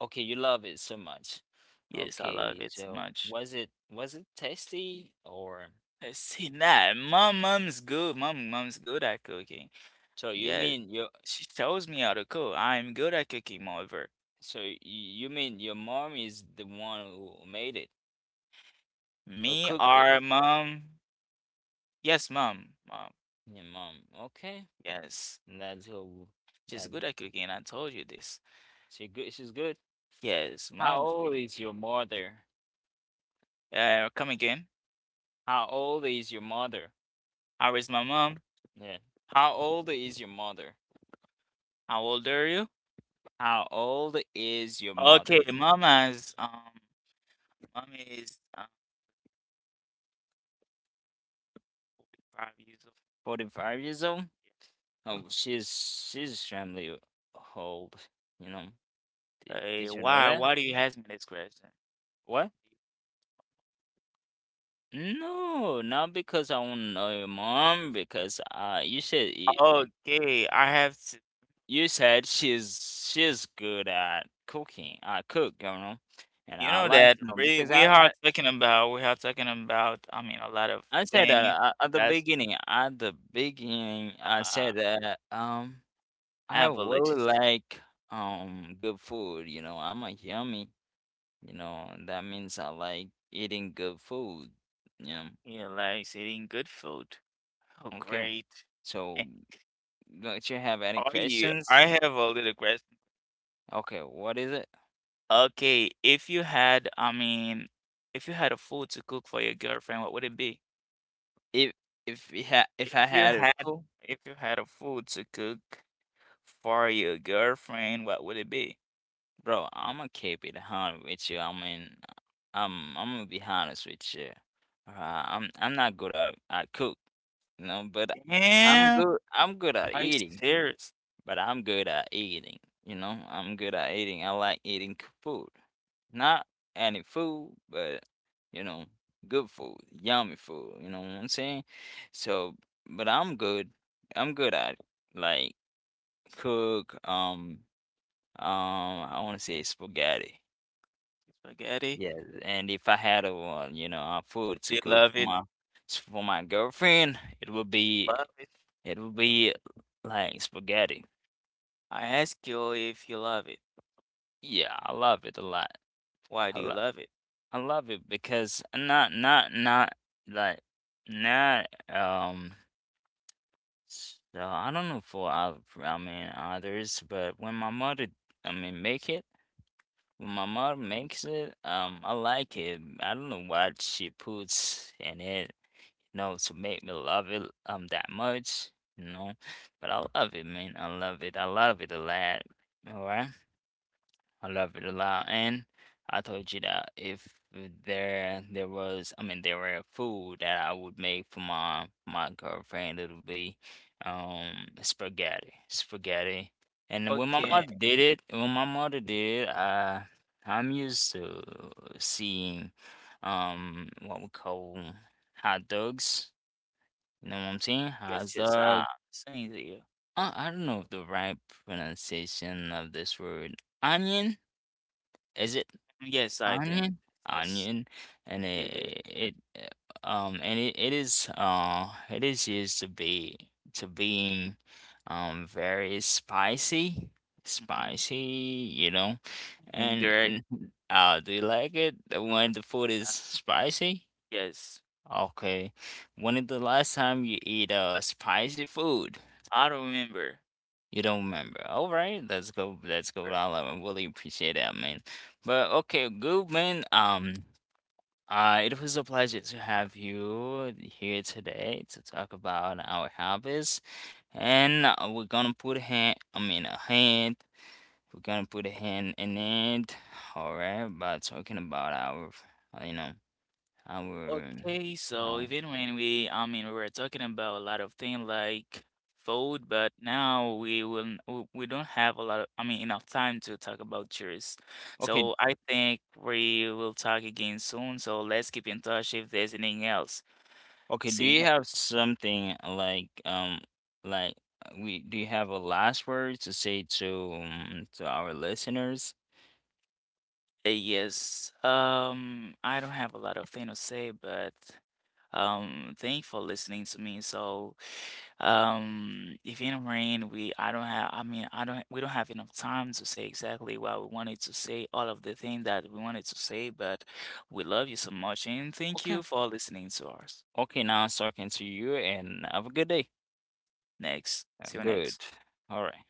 Okay, you love it so much. Yes, I love Okay, it so so much. was it was it tasty or Uh, See that mom, mom's good. Mom, mom's good at cooking. so you Yeah, mean your she tells me how to cook. I'm good at cooking, moreover. so y- you mean your mom is the one who made it who Me cooked it? or mom? Yes, mom. Mom. Your mom. Okay. Yes. That's who She's that good at cooking. I told you this. she good she's good. Yes, How mom. Is old is your mother? Uh, come again. How old is your mother? How is my mom? Yeah. How old is your mother? How old are you? How old is your Okay, mother? mama's um, mom is um, five years old. forty-five years old? Oh, she's she's extremely old, you know. Did Hey, did you know why? that? Why do you ask me this question? What? No, not because I want to know your mom, because uh you said you, Okay, I have to. you said she's she's good at cooking. I cook, you know. And You I know like, that you know, we because we I, are I talking about we are talking about. I mean, a lot of I said that things. uh, at the That's beginning, at the beginning, I uh, said that um I really apologies. like um good food, you know. I'm a yummy, you know. That means I like eating good food, you know. You like eating good food. Oh, Okay. great. So don't you have any Are you? questions? I have a little question. Okay, what is it? Okay, if you had, I mean, if you had a food to cook for your girlfriend, what would it be? If if we had if I If you had a had, clue, if you had a food to cook for your girlfriend, what would it be? bro, I'ma keep it honest with you. I mean, I'm I'm gonna be honest with you. Uh, I'm I'm not good at at cook, you know, but I'm Damn, good I'm good at are you eating, serious? but I'm good at eating, you know. I'm good at eating. I like eating c- food. Not any food, but you know, good food, yummy food, you know what I'm saying? So, but I'm good. I'm good at like cook um um I want to say spaghetti. Spaghetti? Yeah, and if I had a one, you know, a food Do to you cook love for it? my for my girlfriend, it would Love be it. it would be like spaghetti. I ask you if you love it. Yeah, I love it a lot. Why I do you love love it? I love it because not not not like not um s- uh, I don't know for oth- I mean others, but when my mother I mean make it when my mother makes it, um I like it. I don't know what she puts in it, you know, to make me love it um that much, you know. But I love it, man. I love it. I love it a lot. All right. I love it a lot. And I told you that if there there was, I mean, there were food that I would make for my my girlfriend, it'll be um spaghetti, spaghetti. And when my Okay, mother did it, when my mother did it, I I'm used to seeing um what we call hot dogs. You know what I'm saying? Hot that's just ah, dog. saying to you. I, I don't know the right pronunciation of this word. Onion, is it? Yes, I think. Onion, Yes, onion, and you do. it, it it, um and it, it is uh it is used to be to being um very spicy, Mhm. spicy, you know, And and direct, mm, uh do you like it when the food is spicy? yes. Okay, when is the last time you eat uh spicy food? I remember. You don't remember. All right, let's go. Let's go. Her. I really appreciate that, man. But okay, good man. Um. Uh, it was a pleasure to have you here today to talk about our hobbies, and uh, we're gonna put a hand. I mean, a hand. We're gonna put a hand in it. All right, by talking about our, uh, you know, our. Okay, so Oh, even when we, I mean, we were talking about a lot of things like food, but now we will, we we don't have a lot of, I mean, enough time to talk about chores. okay, So I think we will talk again soon. So let's keep in touch if there's anything else. okay. Do See you you ne- have something like um, like uh, we? Do you have a last word to say to um, to our listeners? uh, Yes. Um, I don't have a lot of things to say, but Um, thank for listening to me. So, um, if in rain, we I don't have. I mean, I don't. We don't have enough time to say exactly what we wanted to say, all of the things that we wanted to say. But we love you so much, and thank you Okay, for listening to us. okay. Now it's talking to you, and have a good day. Next, Uh, see you next. Good. All right.